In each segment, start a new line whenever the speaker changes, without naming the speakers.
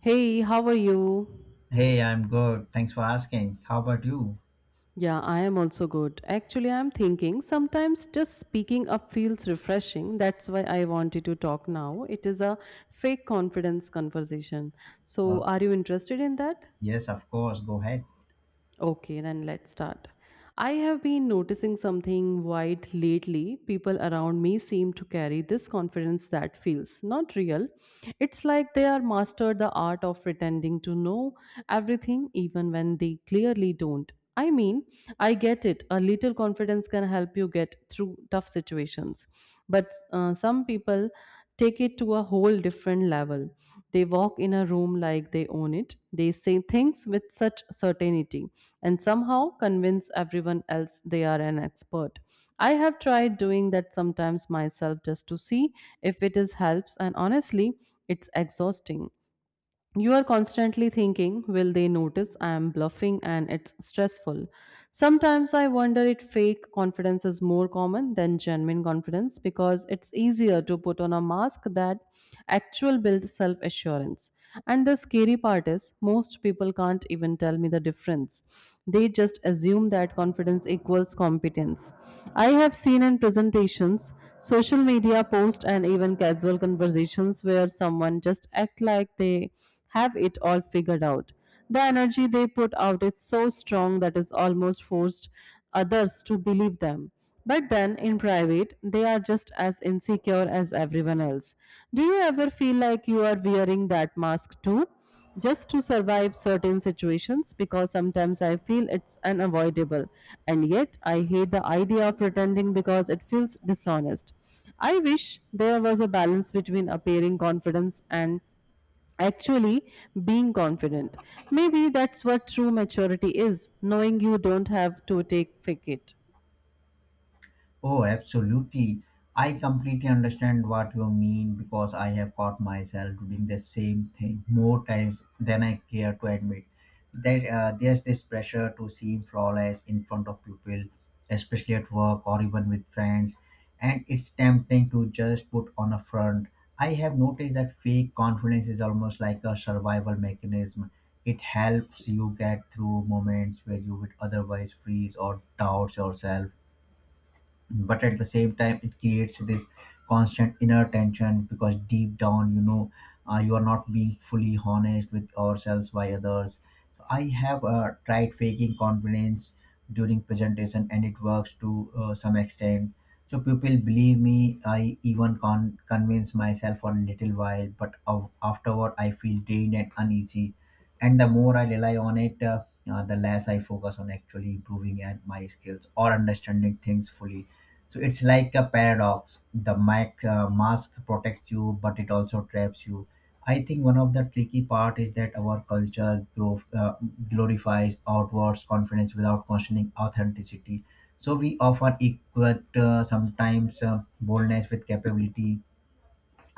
Hey, how are you?
Hey, I'm good. Thanks for asking. How about you?
Yeah, I am also good. Actually, I'm thinking sometimes just speaking up feels refreshing. That's why I wanted to talk now. It is a fake confidence conversation.
Uh,
So, are you interested in that?
yes, of course. Go ahead.
Okay, then let's start. I have been noticing something wide lately. People around me seem to carry this confidence that feels not real. It's like they are mastered the art of pretending to know everything even when they clearly don't. I mean, I get it. A little confidence can help you get through tough situations. But some people take it to a whole different level. They walk in a room like they own it. They say things with such certainty and somehow convince everyone else they are an expert. I have tried doing that sometimes myself just to see if it is helps, and honestly it's exhausting. You are constantly thinking, will they notice I am bluffing, and it's stressful. Sometimes I wonder if fake confidence is more common than genuine confidence because it's easier to put on a mask that actual build self assurance. And the scary part is, most people can't even tell me the difference. They just assume that confidence equals competence. I have seen in presentations, social media posts, and even casual conversations where someone just act like they have it all figured out. The energy they put out is so strong that it almost forced others to believe them. But then in private, they are just as insecure as everyone else. Do you ever feel like you are wearing that mask too? Just to survive certain situations, because sometimes I feel it's unavoidable. And yet I hate the idea of pretending because it feels dishonest. I wish there was a balance between appearing confidence and actually being confident. Maybe that's what true maturity is, knowing you don't have to take fake it.
Oh, absolutely. I completely understand what you mean because I have caught myself doing the same thing more times than I care to admit. That There's this pressure to seem flawless in front of people, especially at work or even with friends, and it's tempting to just put on a front. I have noticed that fake confidence is almost like a survival mechanism. It helps you get through moments where you would otherwise freeze or doubt yourself, but at the same time it creates this constant inner tension because deep down you know you are not being fully honest with ourselves by others. So I have tried faking confidence during presentation and it works to some extent, so people believe me. I even convince myself for a little while, but afterward I feel drained and uneasy. And the more I rely on it, the less I focus on actually improving and my skills or understanding things fully. So it's like a paradox. The mask protects you, but it also traps you. I think one of the tricky part is that our culture glorifies outward confidence without questioning authenticity. So we often equate sometimes boldness with capability.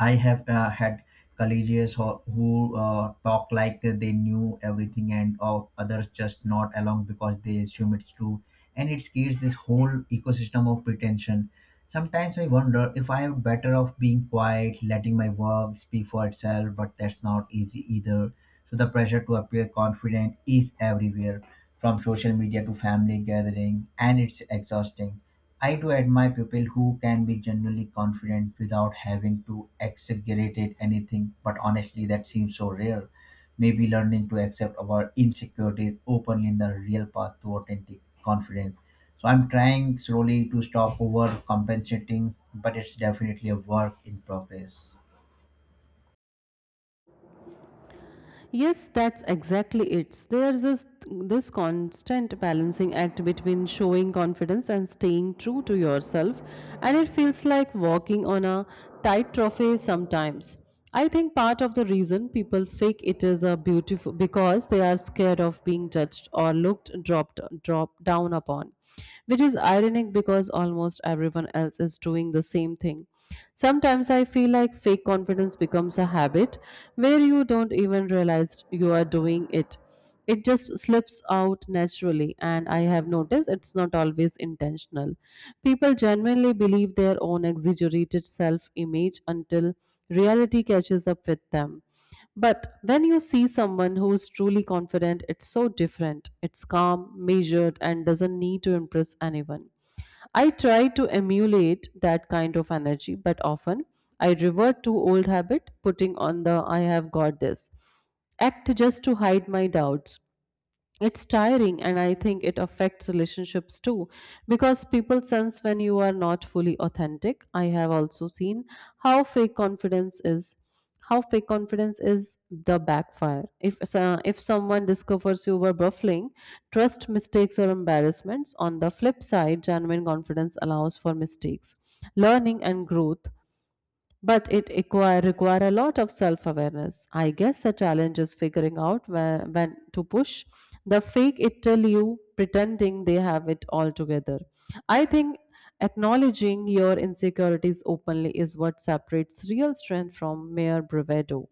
I have had collegians who talk like they knew everything and others just not along because they assume it's true. And it creates this whole ecosystem of pretension. Sometimes I wonder if I am better off being quiet, letting my work speak for itself, but that's not easy either. So the pressure to appear confident is everywhere, from social media to family gathering, and it's exhausting. I do admire people who can be genuinely confident without having to exaggerate anything, but honestly, that seems so rare. Maybe learning to accept our insecurities openly in the real path to authentic confidence. So I'm trying slowly to stop overcompensating, but it's definitely a work in progress.
Yes, that's exactly it. There's this constant balancing act between showing confidence and staying true to yourself, and it feels like walking on a tightrope sometimes. I think part of the reason people fake it is a beautiful because they are scared of being judged or looked drop down upon, which is ironic because almost everyone else is doing the same thing. Sometimes I feel like fake confidence becomes a habit where you don't even realize you are doing it. It just slips out naturally, and I have noticed it's not always intentional. People genuinely believe their own exaggerated self image until reality catches up with them. But when you see someone who is truly confident, it's so different. It's calm, measured, and doesn't need to impress anyone. I try to emulate that kind of energy, but often I revert to old habit, putting on the I have got this act just to hide my doubts. It's tiring, and I think it affects relationships too, because people sense when you are not fully authentic. I have also seen how fake confidence is how fake confidence is the backfire if if someone discovers you were buffling, trust mistakes or embarrassments. On the flip side, genuine confidence allows for mistakes, learning, and growth, but it require a lot of self-awareness. I guess the challenge is figuring out when to push. The fake it till you pretending they have it all together. I think acknowledging your insecurities openly is what separates real strength from mere bravado.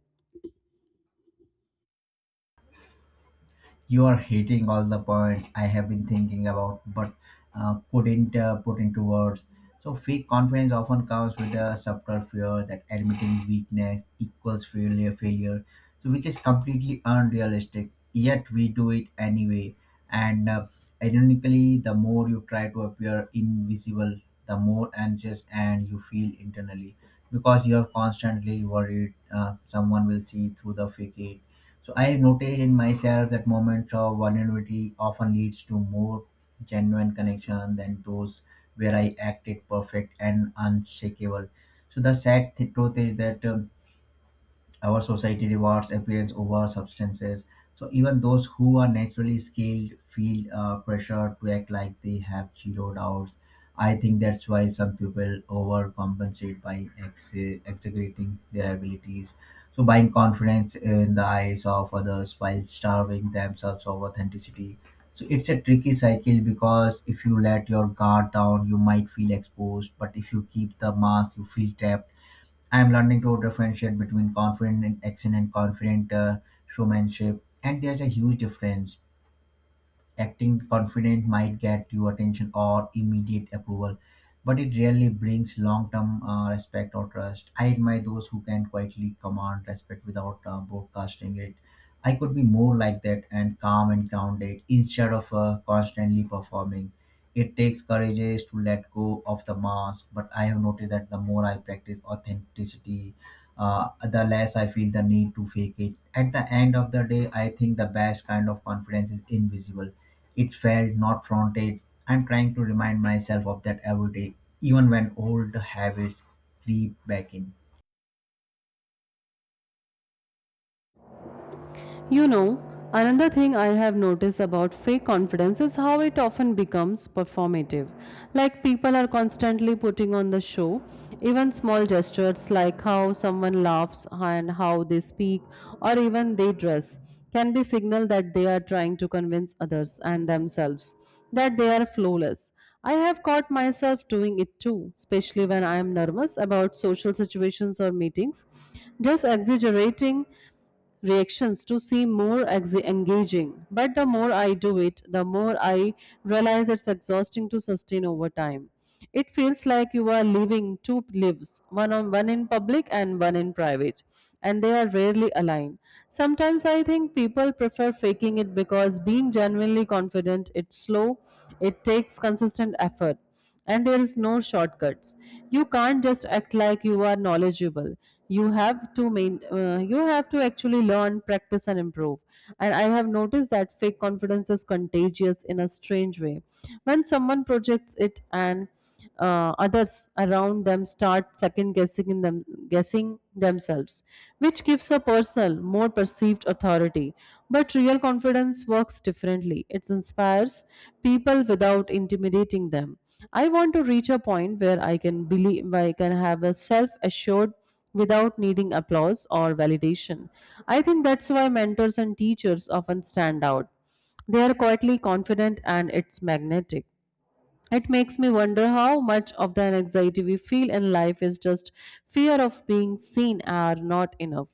You are hitting all the points I have been thinking about, but couldn't put into words. So, fake confidence often comes with a subtle fear that admitting weakness equals failure. So, which is completely unrealistic. Yet we do it anyway. And Ironically, the more you try to appear invisible, the more anxious and you feel internally because you're constantly worried someone will see through the fake it. So I noticed in myself that moments of vulnerability often leads to more genuine connection than those where I acted perfect and unshakable. So the sad truth is that our society rewards appearance over substances. So even those who are naturally skilled feel pressure to act like they have zero doubts. I think that's why some people overcompensate by exaggerating their abilities. So buying confidence in the eyes of others while starving themselves of authenticity. So it's a tricky cycle because if you let your guard down, you might feel exposed. But if you keep the mask, you feel trapped. I'm learning to differentiate between confident and action and confident showmanship, and there's a huge difference. Acting confident might get you attention or immediate approval, but it rarely brings long-term respect or trust. I admire those who can quietly command respect without broadcasting it. I could be more like that and calm and grounded instead of constantly performing. It takes courageous to let go of the mask, but I have noticed that the more I practice authenticity, the less I feel the need to fake it. At the end of the day, I think the best kind of confidence is invisible. It felt not fronted. I'm trying to remind myself of that every day, even when old habits creep back in.
You know, another thing I have noticed about fake confidence is how it often becomes performative. Like people are constantly putting on the show, even small gestures like how someone laughs and how they speak or even they dress can be signal that they are trying to convince others and themselves that they are flawless. I have caught myself doing it too, especially when I am nervous about social situations or meetings, just exaggerating reactions to seem more engaging. But the more I do it, the more I realize it's exhausting to sustain over time. It feels like you are living two lives, one on one in public and one in private, and they are rarely aligned. Sometimes I think people prefer faking it because being genuinely confident it's slow, it takes consistent effort, and there is no shortcuts. You can't just act like you are knowledgeable. You have to main you have to actually learn, practice, and improve. And I have noticed that fake confidence is contagious in a strange way. When someone projects it, and others around them start second guessing themselves, which gives a personal more perceived authority. But real confidence works differently. It inspires people without intimidating them. I want to reach a point where I can have a self assured without needing applause or validation. I think that's why mentors and teachers often stand out. They are quietly confident, and it's magnetic. It makes me wonder how much of the anxiety we feel in life is just fear of being seen or not enough,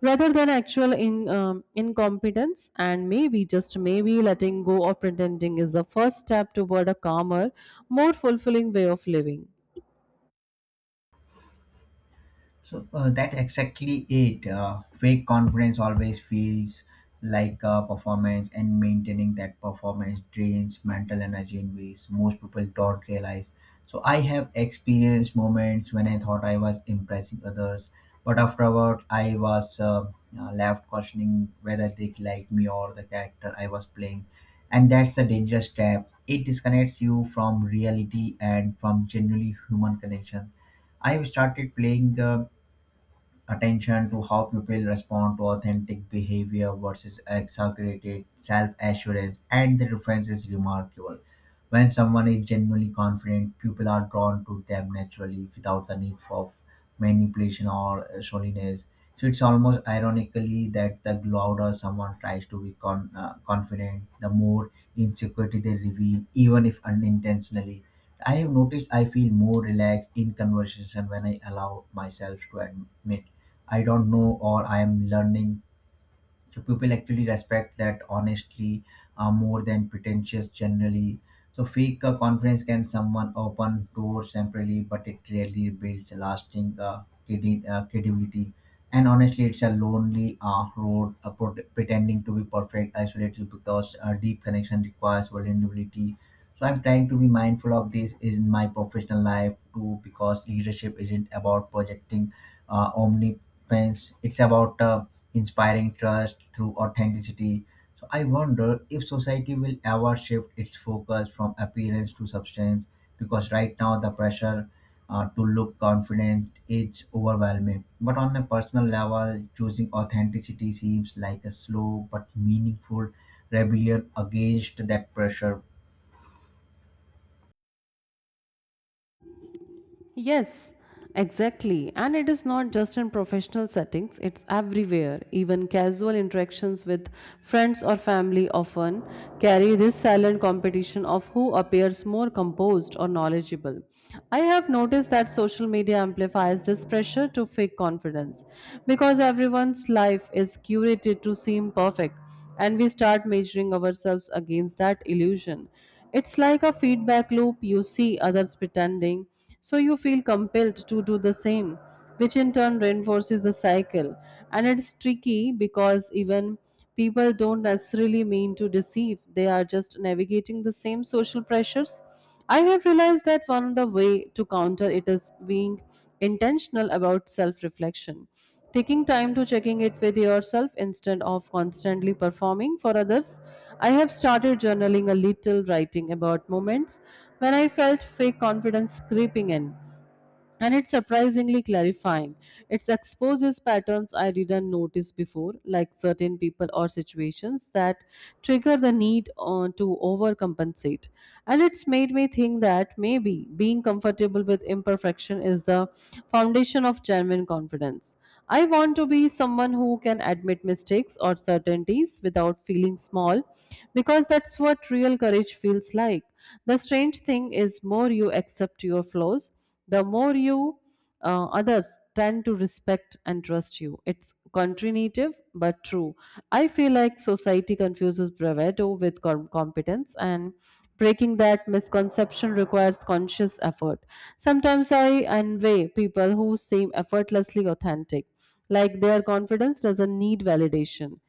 rather than actual incompetence. And maybe, just maybe, letting go of pretending is the first step toward a calmer, more fulfilling way of living.
So that's exactly it. Fake confidence always feels like a performance, and maintaining that performance drains mental energy in ways most people don't realize. So I have experienced moments when I thought I was impressing others, but afterward I was left questioning whether they like me or the character I was playing, and that's a dangerous trap. It disconnects you from reality and from genuinely human connection. I've started playing the attention to how people respond to authentic behavior versus exaggerated self assurance, and the difference is remarkable. When someone is genuinely confident, people are drawn to them naturally without the need for manipulation or shoniness. So it's almost ironically that the louder someone tries to be confident, the more insecurity they reveal, even if unintentionally. I have noticed I feel more relaxed in conversation when I allow myself to admit I don't know or I am learning. So people actually respect that honestly more than pretentious generally. So fake confidence can someone open doors temporarily, but it rarely builds lasting credibility. And honestly, it's a lonely road. Pretending to be perfect isolated because deep connection requires vulnerability. So I'm trying to be mindful of this in my professional life too, because leadership isn't about projecting omnipotence. It's about inspiring trust through authenticity. So I wonder if society will ever shift its focus from appearance to substance, because right now the pressure to look confident is overwhelming. But on a personal level, choosing authenticity seems like a slow but meaningful rebellion against that pressure.
Yes, exactly. And it is not just in professional settings, it's everywhere. Even casual interactions with friends or family often carry this silent competition of who appears more composed or knowledgeable. I have noticed that social media amplifies this pressure to fake confidence because everyone's life is curated to seem perfect, and we start measuring ourselves against that illusion. It's like a feedback loop. You see others pretending, so you feel compelled to do the same, which in turn reinforces the cycle. And it's tricky because even people don't necessarily mean to deceive, they are just navigating the same social pressures. I have realized that one of the way to counter it is being intentional about self-reflection. Taking time to checking it with yourself instead of constantly performing for others. I have started journaling a little, writing about moments when I felt fake confidence creeping in, and it's surprisingly clarifying. It exposes patterns I didn't notice before, like certain people or situations that trigger the need to overcompensate. And it's made me think that maybe being comfortable with imperfection is the foundation of genuine confidence. I want to be someone who can admit mistakes or certainties without feeling small, because that's what real courage feels like. The strange thing is, more you accept your flaws, the more you others tend to respect and trust you. It's country but true. I feel like society confuses bravado with competence, and breaking that misconception requires conscious effort. Sometimes I envy people who seem effortlessly authentic, like their confidence doesn't need validation,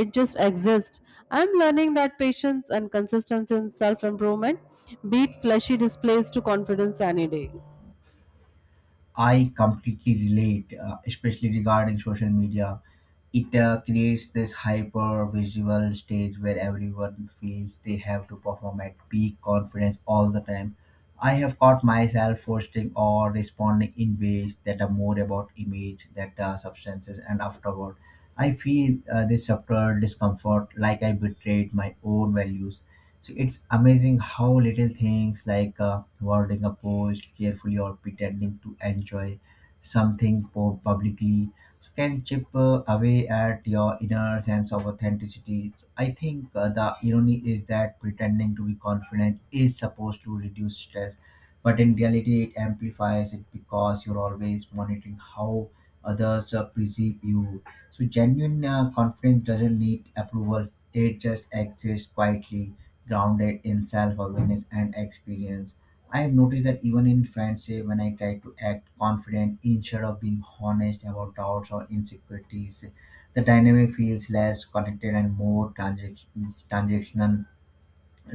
it just exists. I'm learning that patience and consistency in self-improvement beat flashy displays to confidence any day.
I completely relate, especially regarding social media. It creates this hyper visual stage where everyone feels they have to perform at peak confidence all the time. I have caught myself posting or responding in ways that are more about image, that substances, and afterward. I feel this subtle discomfort like I betrayed my own values. So it's amazing how little things like wording a post carefully or pretending to enjoy something publicly, so can chip away at your inner sense of authenticity. So, I think the irony is that pretending to be confident is supposed to reduce stress, but in reality, it amplifies it because you're always monitoring how others perceive you. So, genuine confidence doesn't need approval, it just exists quietly, grounded in self-awareness and experience. I have noticed that even in friendship, when I try to act confident instead of being honest about doubts or insecurities, the dynamic feels less connected and more transactional.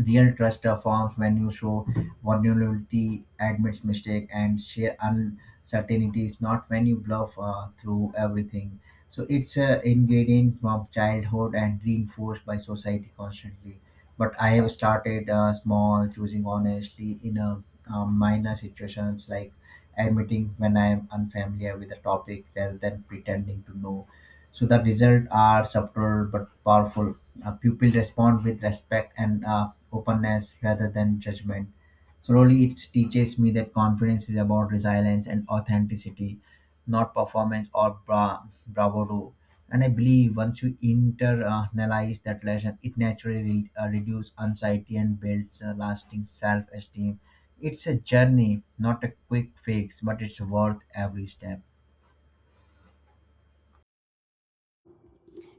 Real trust forms when you show vulnerability, admits mistake, and share uncertainties, not when you bluff through everything. So it's an ingredient from childhood and reinforced by society constantly. But I have started small, choosing honestly in a minor situations like admitting when I am unfamiliar with a topic rather than pretending to know. So the results are subtle but powerful. Pupils respond with respect and openness rather than judgment. Slowly, it teaches me that confidence is about resilience and authenticity, not performance or bravado. And I believe once you internalize that lesson, it naturally reduces anxiety and builds a lasting self esteem. It's a journey, not a quick fix, but it's worth every step.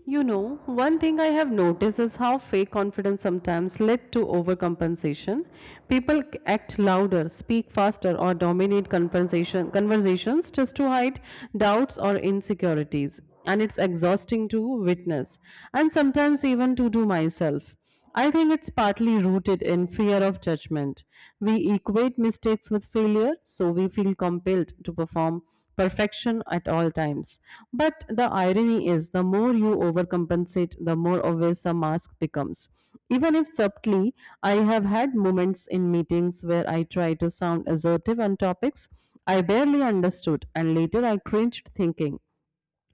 You know, one thing I have noticed is how fake confidence sometimes led to overcompensation. People act louder, speak faster, or dominate compensation, conversations just to hide doubts or insecurities. And it's exhausting to witness, and sometimes even to do myself. I think it's partly rooted in fear of judgment. We equate mistakes with failure, so we feel compelled to perform perfection at all times. But the irony is, the more you overcompensate, the more obvious the mask becomes. Even if subtly, I have had moments in meetings where I try to sound assertive on topics I barely understood, and later I cringed thinking,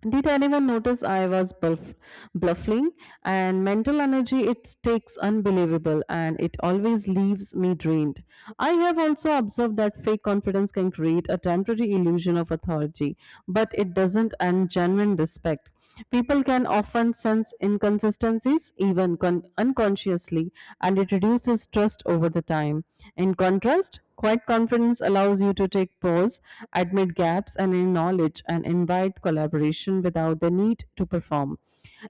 did anyone notice I was bluffing? And mental energy, it takes unbelievable, and it always leaves me drained. I have also observed that fake confidence can create a temporary illusion of authority, but it doesn't end genuine respect. People can often sense inconsistencies, even unconsciously, and it reduces trust over the time. In contrast, quiet confidence allows you to take pause, admit gaps, and acknowledge and invite collaboration without the need to perform.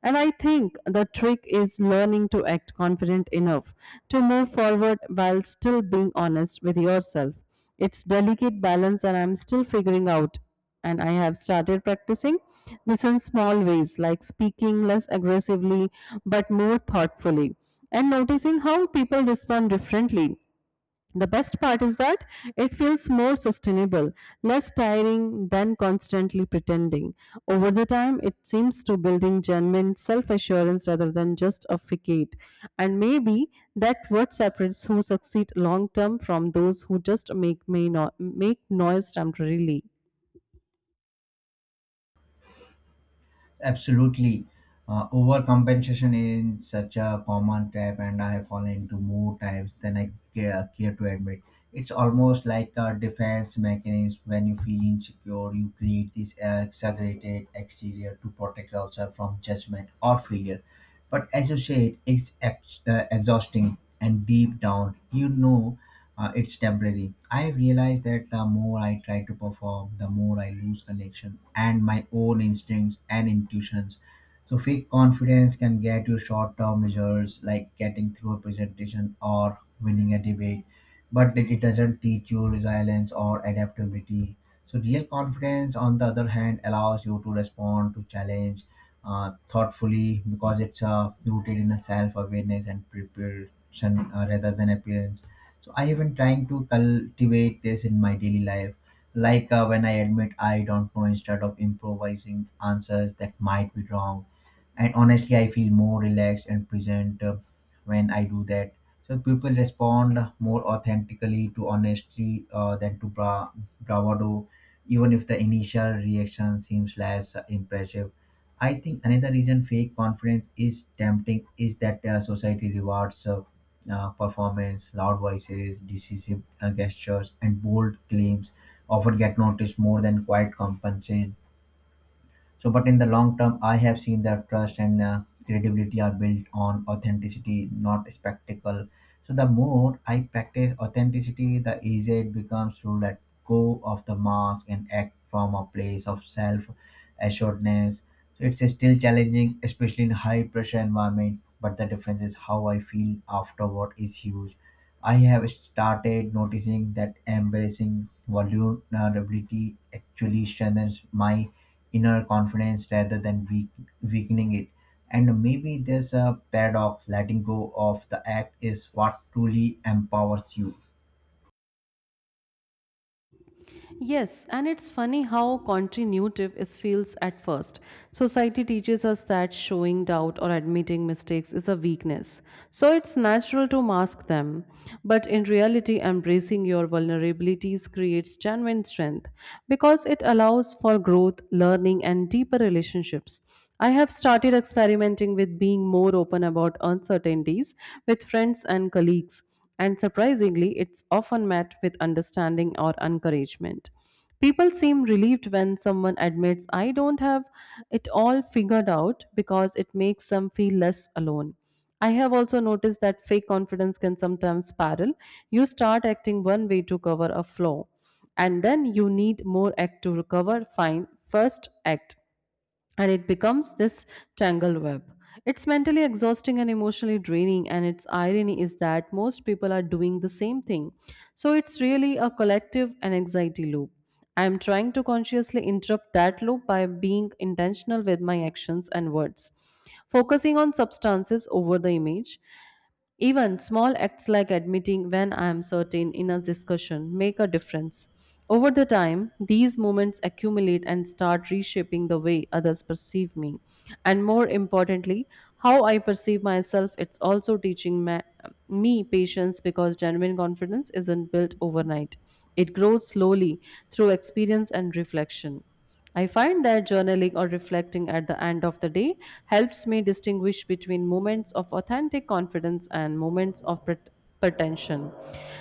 And I think the trick is learning to act confident enough to move forward while still being honest with yourself. It's delicate balance, and I'm still figuring out, and I have started practicing this in small ways, like speaking less aggressively but more thoughtfully, and noticing how people respond differently. The best part is that it feels more sustainable, less tiring than constantly pretending. Over the time, it seems to building genuine self-assurance rather than just a facade. And maybe that what separates who succeed long term from those who just make may no- make noise temporarily.
Absolutely. Overcompensation is such a common trap, and I have fallen into more times than I care to admit. It's almost like a defense mechanism. When you feel insecure, you create this exaggerated exterior to protect yourself from judgment or failure. But as you said, it's exhausting, and deep down, you know it's temporary. I realized that the more I try to perform, the more I lose connection and my own instincts and intuitions. So, fake confidence can get you short term results like getting through a presentation or winning a debate, but it doesn't teach you resilience or adaptability. So, real confidence, on the other hand, allows you to respond to challenge thoughtfully because it's rooted in a self awareness and preparation rather than appearance. So I even trying to cultivate this in my daily life, like when I admit I don't know instead of improvising answers that might be wrong. And honestly, I feel more relaxed and present when I do that. So people respond more authentically to honesty than to bravado, even if the initial reaction seems less impressive. I think another reason fake confidence is tempting is that society rewards performance. Loud voices, decisive gestures, and bold claims often get noticed more than quiet compensation. So, but in the long term, I have seen that trust and credibility are built on authenticity, not spectacle. So, the more I practice authenticity, the easier it becomes to let go of the mask and act from a place of self assuredness. So, it's still challenging, especially in high pressure environment. But the difference is how I feel afterward is huge. I have started noticing that embracing vulnerability actually strengthens my inner confidence rather than weakening it. And maybe there's a paradox letting go of the act is what truly empowers you.
Yes, and it's funny how counterintuitive it feels at first. Society teaches us that showing doubt or admitting mistakes is a weakness, so it's natural to mask them. But in reality, embracing your vulnerabilities creates genuine strength because it allows for growth, learning, and deeper relationships. I have started experimenting with being more open about uncertainties with friends and colleagues, and surprisingly, it's often met with understanding or encouragement. People seem relieved when someone admits, "I don't have it all figured out," because it makes them feel less alone. I have also noticed that fake confidence can sometimes spiral. You start acting one way to cover a flaw, and then you need more act to recover. Fine, first act, and it becomes this tangled web. It's mentally exhausting and emotionally draining, and its irony is that most people are doing the same thing. So it's really a collective and anxiety loop. I am trying to consciously interrupt that loop by being intentional with my actions and words, focusing on substances over the image. Even small acts like admitting when I am certain in a discussion make a difference. Over the time, these moments accumulate and start reshaping the way others perceive me. And more importantly, how I perceive myself, it's also teaching me patience, because genuine confidence isn't built overnight. It grows slowly through experience and reflection. I find that journaling or reflecting at the end of the day helps me distinguish between moments of authentic confidence and moments of pretension.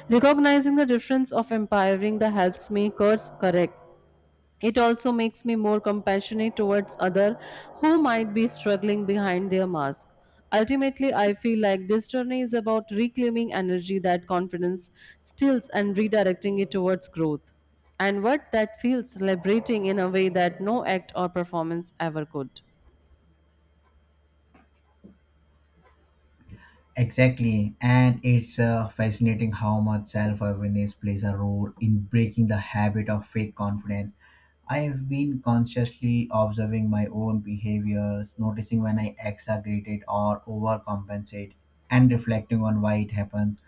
Recognizing the difference of empowering that helps me course correct, it also makes me more compassionate towards others who might be struggling behind their mask. Ultimately, I feel like this journey is about reclaiming energy that confidence steals and redirecting it towards growth. And what that feels liberating in a way that no act or performance ever could.
Exactly, and it's fascinating how much self awareness plays a role in breaking the habit of fake confidence. I have been consciously observing my own behaviors, noticing when I exaggerate or overcompensate, and reflecting on why it happens.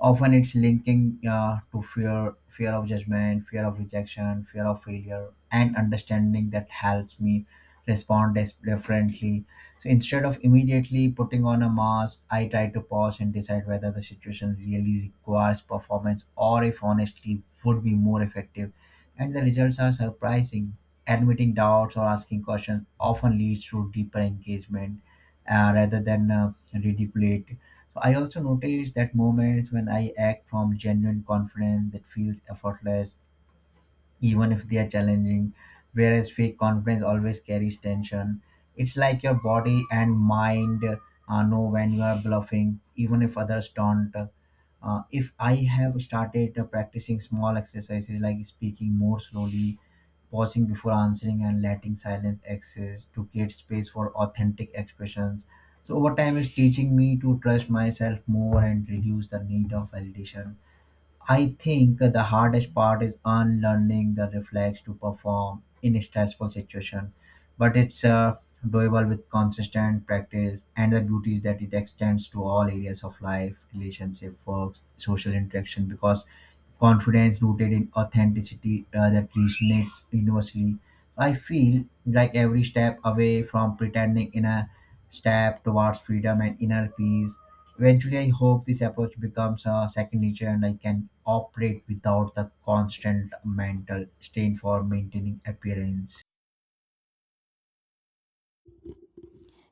Often it's linking to fear, fear of judgment, fear of rejection, fear of failure, and understanding that helps me respond differently. So instead of immediately putting on a mask, I try to pause and decide whether the situation really requires performance or if honestly would be more effective. And the results are surprising. Admitting doubts or asking questions often leads to deeper engagement rather than ridicule. So I also noticed that moments when I act from genuine confidence that feels effortless even if they are challenging. Whereas fake confidence always carries tension. It's like your body and mind know when you are bluffing, even if others don't. If I have started practicing small exercises like speaking more slowly, pausing before answering, and letting silence exist to create space for authentic expressions. So, over time, it's teaching me to trust myself more and reduce the need of validation. I think the hardest part is unlearning the reflex to perform in a stressful situation, but it's doable with consistent practice. And the beauty is that it extends to all areas of life, relationship, works, social interaction, because confidence rooted in authenticity that resonates universally. I feel like every step away from pretending in a step towards freedom and inner peace. Eventually, I hope this approach becomes a second nature and I can operate without the constant mental strain for maintaining appearance.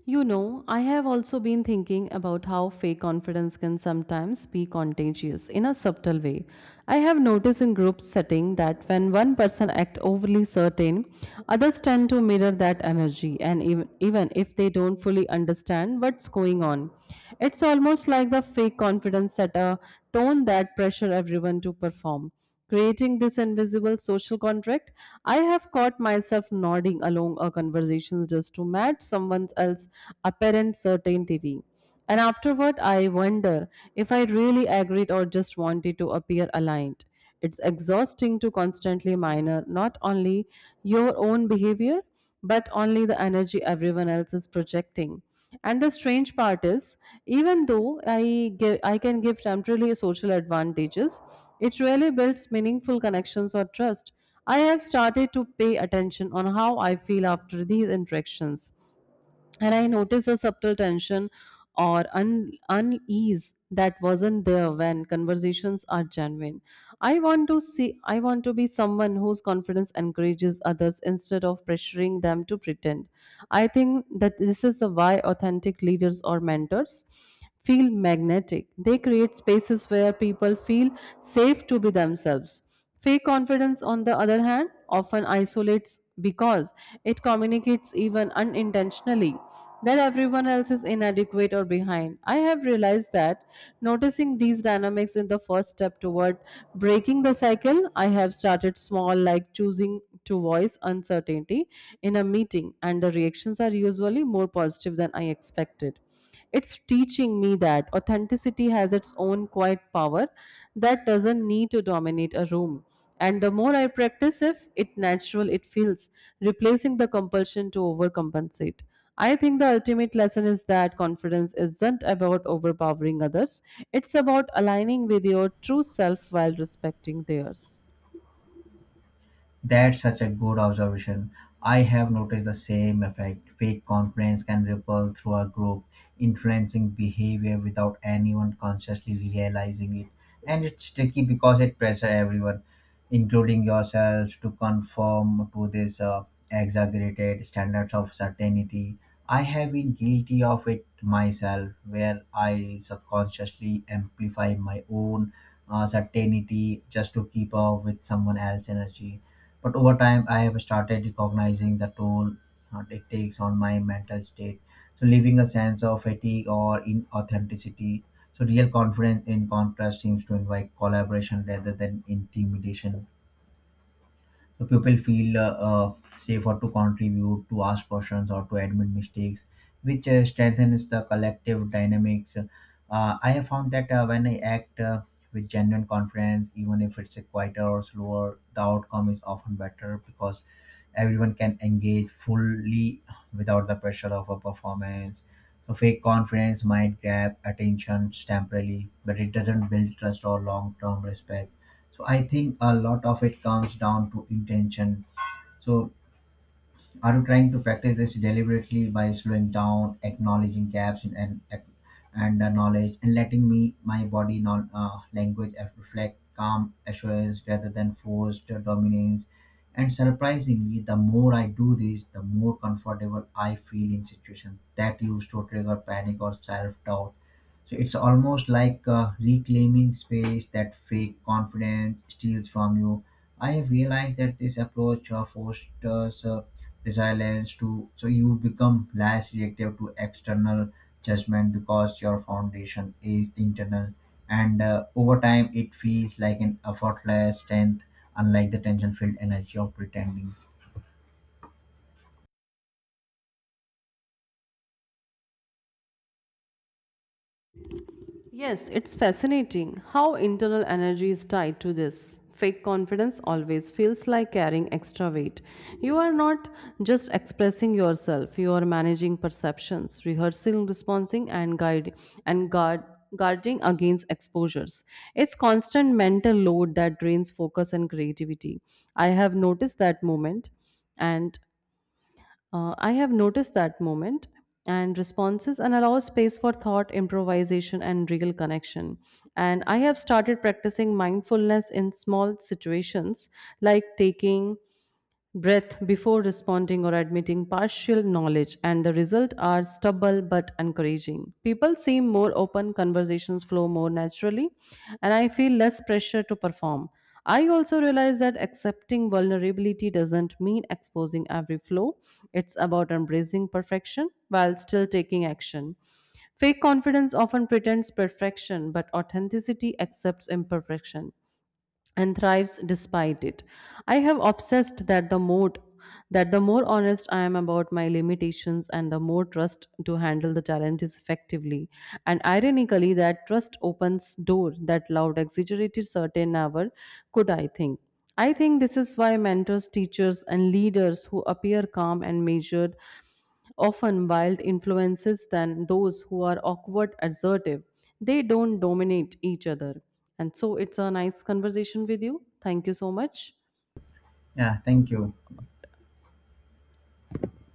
You know, I have also been thinking about how fake confidence can sometimes be contagious in a subtle way. I have noticed in group setting that when one person acts overly certain, others tend to mirror that energy and even if they don't fully understand what's going on. It's almost like the fake confidence set a tone that pressure everyone to perform, creating this invisible social contract. I have caught myself nodding along a conversation just to match someone else's apparent certainty, and afterward I wonder if I really agreed or just wanted to appear aligned. It's exhausting to constantly minor not only your own behavior but only the energy everyone else is projecting. And the strange part is, even though I can give temporary social advantages, it really builds meaningful connections or trust. I have started to pay attention on how I feel after these interactions, and I noticed a subtle tension or unease that wasn't there when conversations are genuine. I want to be someone whose confidence encourages others instead of pressuring them to pretend. I think that this is why authentic leaders or mentors feel magnetic. They create spaces where people feel safe to be themselves. Fake confidence, on the other hand, often isolates because it communicates, even unintentionally, that everyone else is inadequate or behind. I have realized that noticing these dynamics in the first step toward breaking the cycle. I have started small, like choosing to voice uncertainty in a meeting, and the reactions are usually more positive than I expected. It's teaching me that authenticity has its own quiet power that doesn't need to dominate a room. And the more I practice if it natural it feels, replacing the compulsion to overcompensate. I think the ultimate lesson is that confidence isn't about overpowering others. It's about aligning with your true self while respecting theirs.
That's such a good observation. I have noticed the same effect. Fake confidence can ripple through a group, influencing behavior without anyone consciously realizing it. And it's tricky because it pressures everyone, including yourselves, to conform to this exaggerated standards of certainty. I have been guilty of it myself, where I subconsciously amplify my own certainty just to keep up with someone else's energy. But over time, I have started recognizing the toll it takes on my mental state. So, leaving a sense of fatigue or inauthenticity. So, real confidence, in contrast, seems to invite collaboration rather than intimidation. So, people feel safer to contribute, to ask questions, or to admit mistakes, which strengthens the collective dynamics. I have found that when I act with genuine confidence, even if it's a quieter or slower, the outcome is often better because everyone can engage fully without the pressure of a performance. So fake confidence might grab attention temporarily, but it doesn't build trust or long-term respect. So I think a lot of it comes down to intention. So are you trying to practice this deliberately by slowing down, acknowledging gaps in and knowledge, and letting me my body non language reflect calm assurance rather than forced dominance? And surprisingly, the more I do this, the more comfortable I feel in situations that used to trigger panic or self doubt, so it's almost like reclaiming space that fake confidence steals from you. I have realized that this approach fosters resilience to so you become less reactive to external judgment because your foundation is internal, and over time it feels like an effortless strength, unlike the tension-filled energy of pretending.
Yes, it's fascinating how internal energy is tied to this. Fake confidence always feels like carrying extra weight. You are not just expressing yourself, you are managing perceptions, rehearsing, responding, and guide and guard guarding against exposures. It's constant mental load that drains focus and creativity. I have noticed that moment and I have noticed that moment and responses and allow space for thought, improvisation, and real connection. And I have started practicing mindfulness in small situations like taking breath before responding or admitting partial knowledge, and the result are stubble but encouraging. People seem more open, conversations flow more naturally, and I feel less pressure to perform. I also realize that accepting vulnerability doesn't mean exposing every flaw. It's about embracing perfection while still taking action. Fake confidence often pretends perfection, but authenticity accepts imperfection and thrives despite it. I have obsessed that the more honest I am about my limitations, and the more trust to handle the challenges effectively. And ironically, that trust opens door that loud exaggerated certain never could, I think. I think this is why mentors, teachers, and leaders who appear calm and measured often wild influences than those who are awkward, assertive. They don't dominate each other. And so it's a nice conversation with you. Thank you so much.
Yeah, thank you.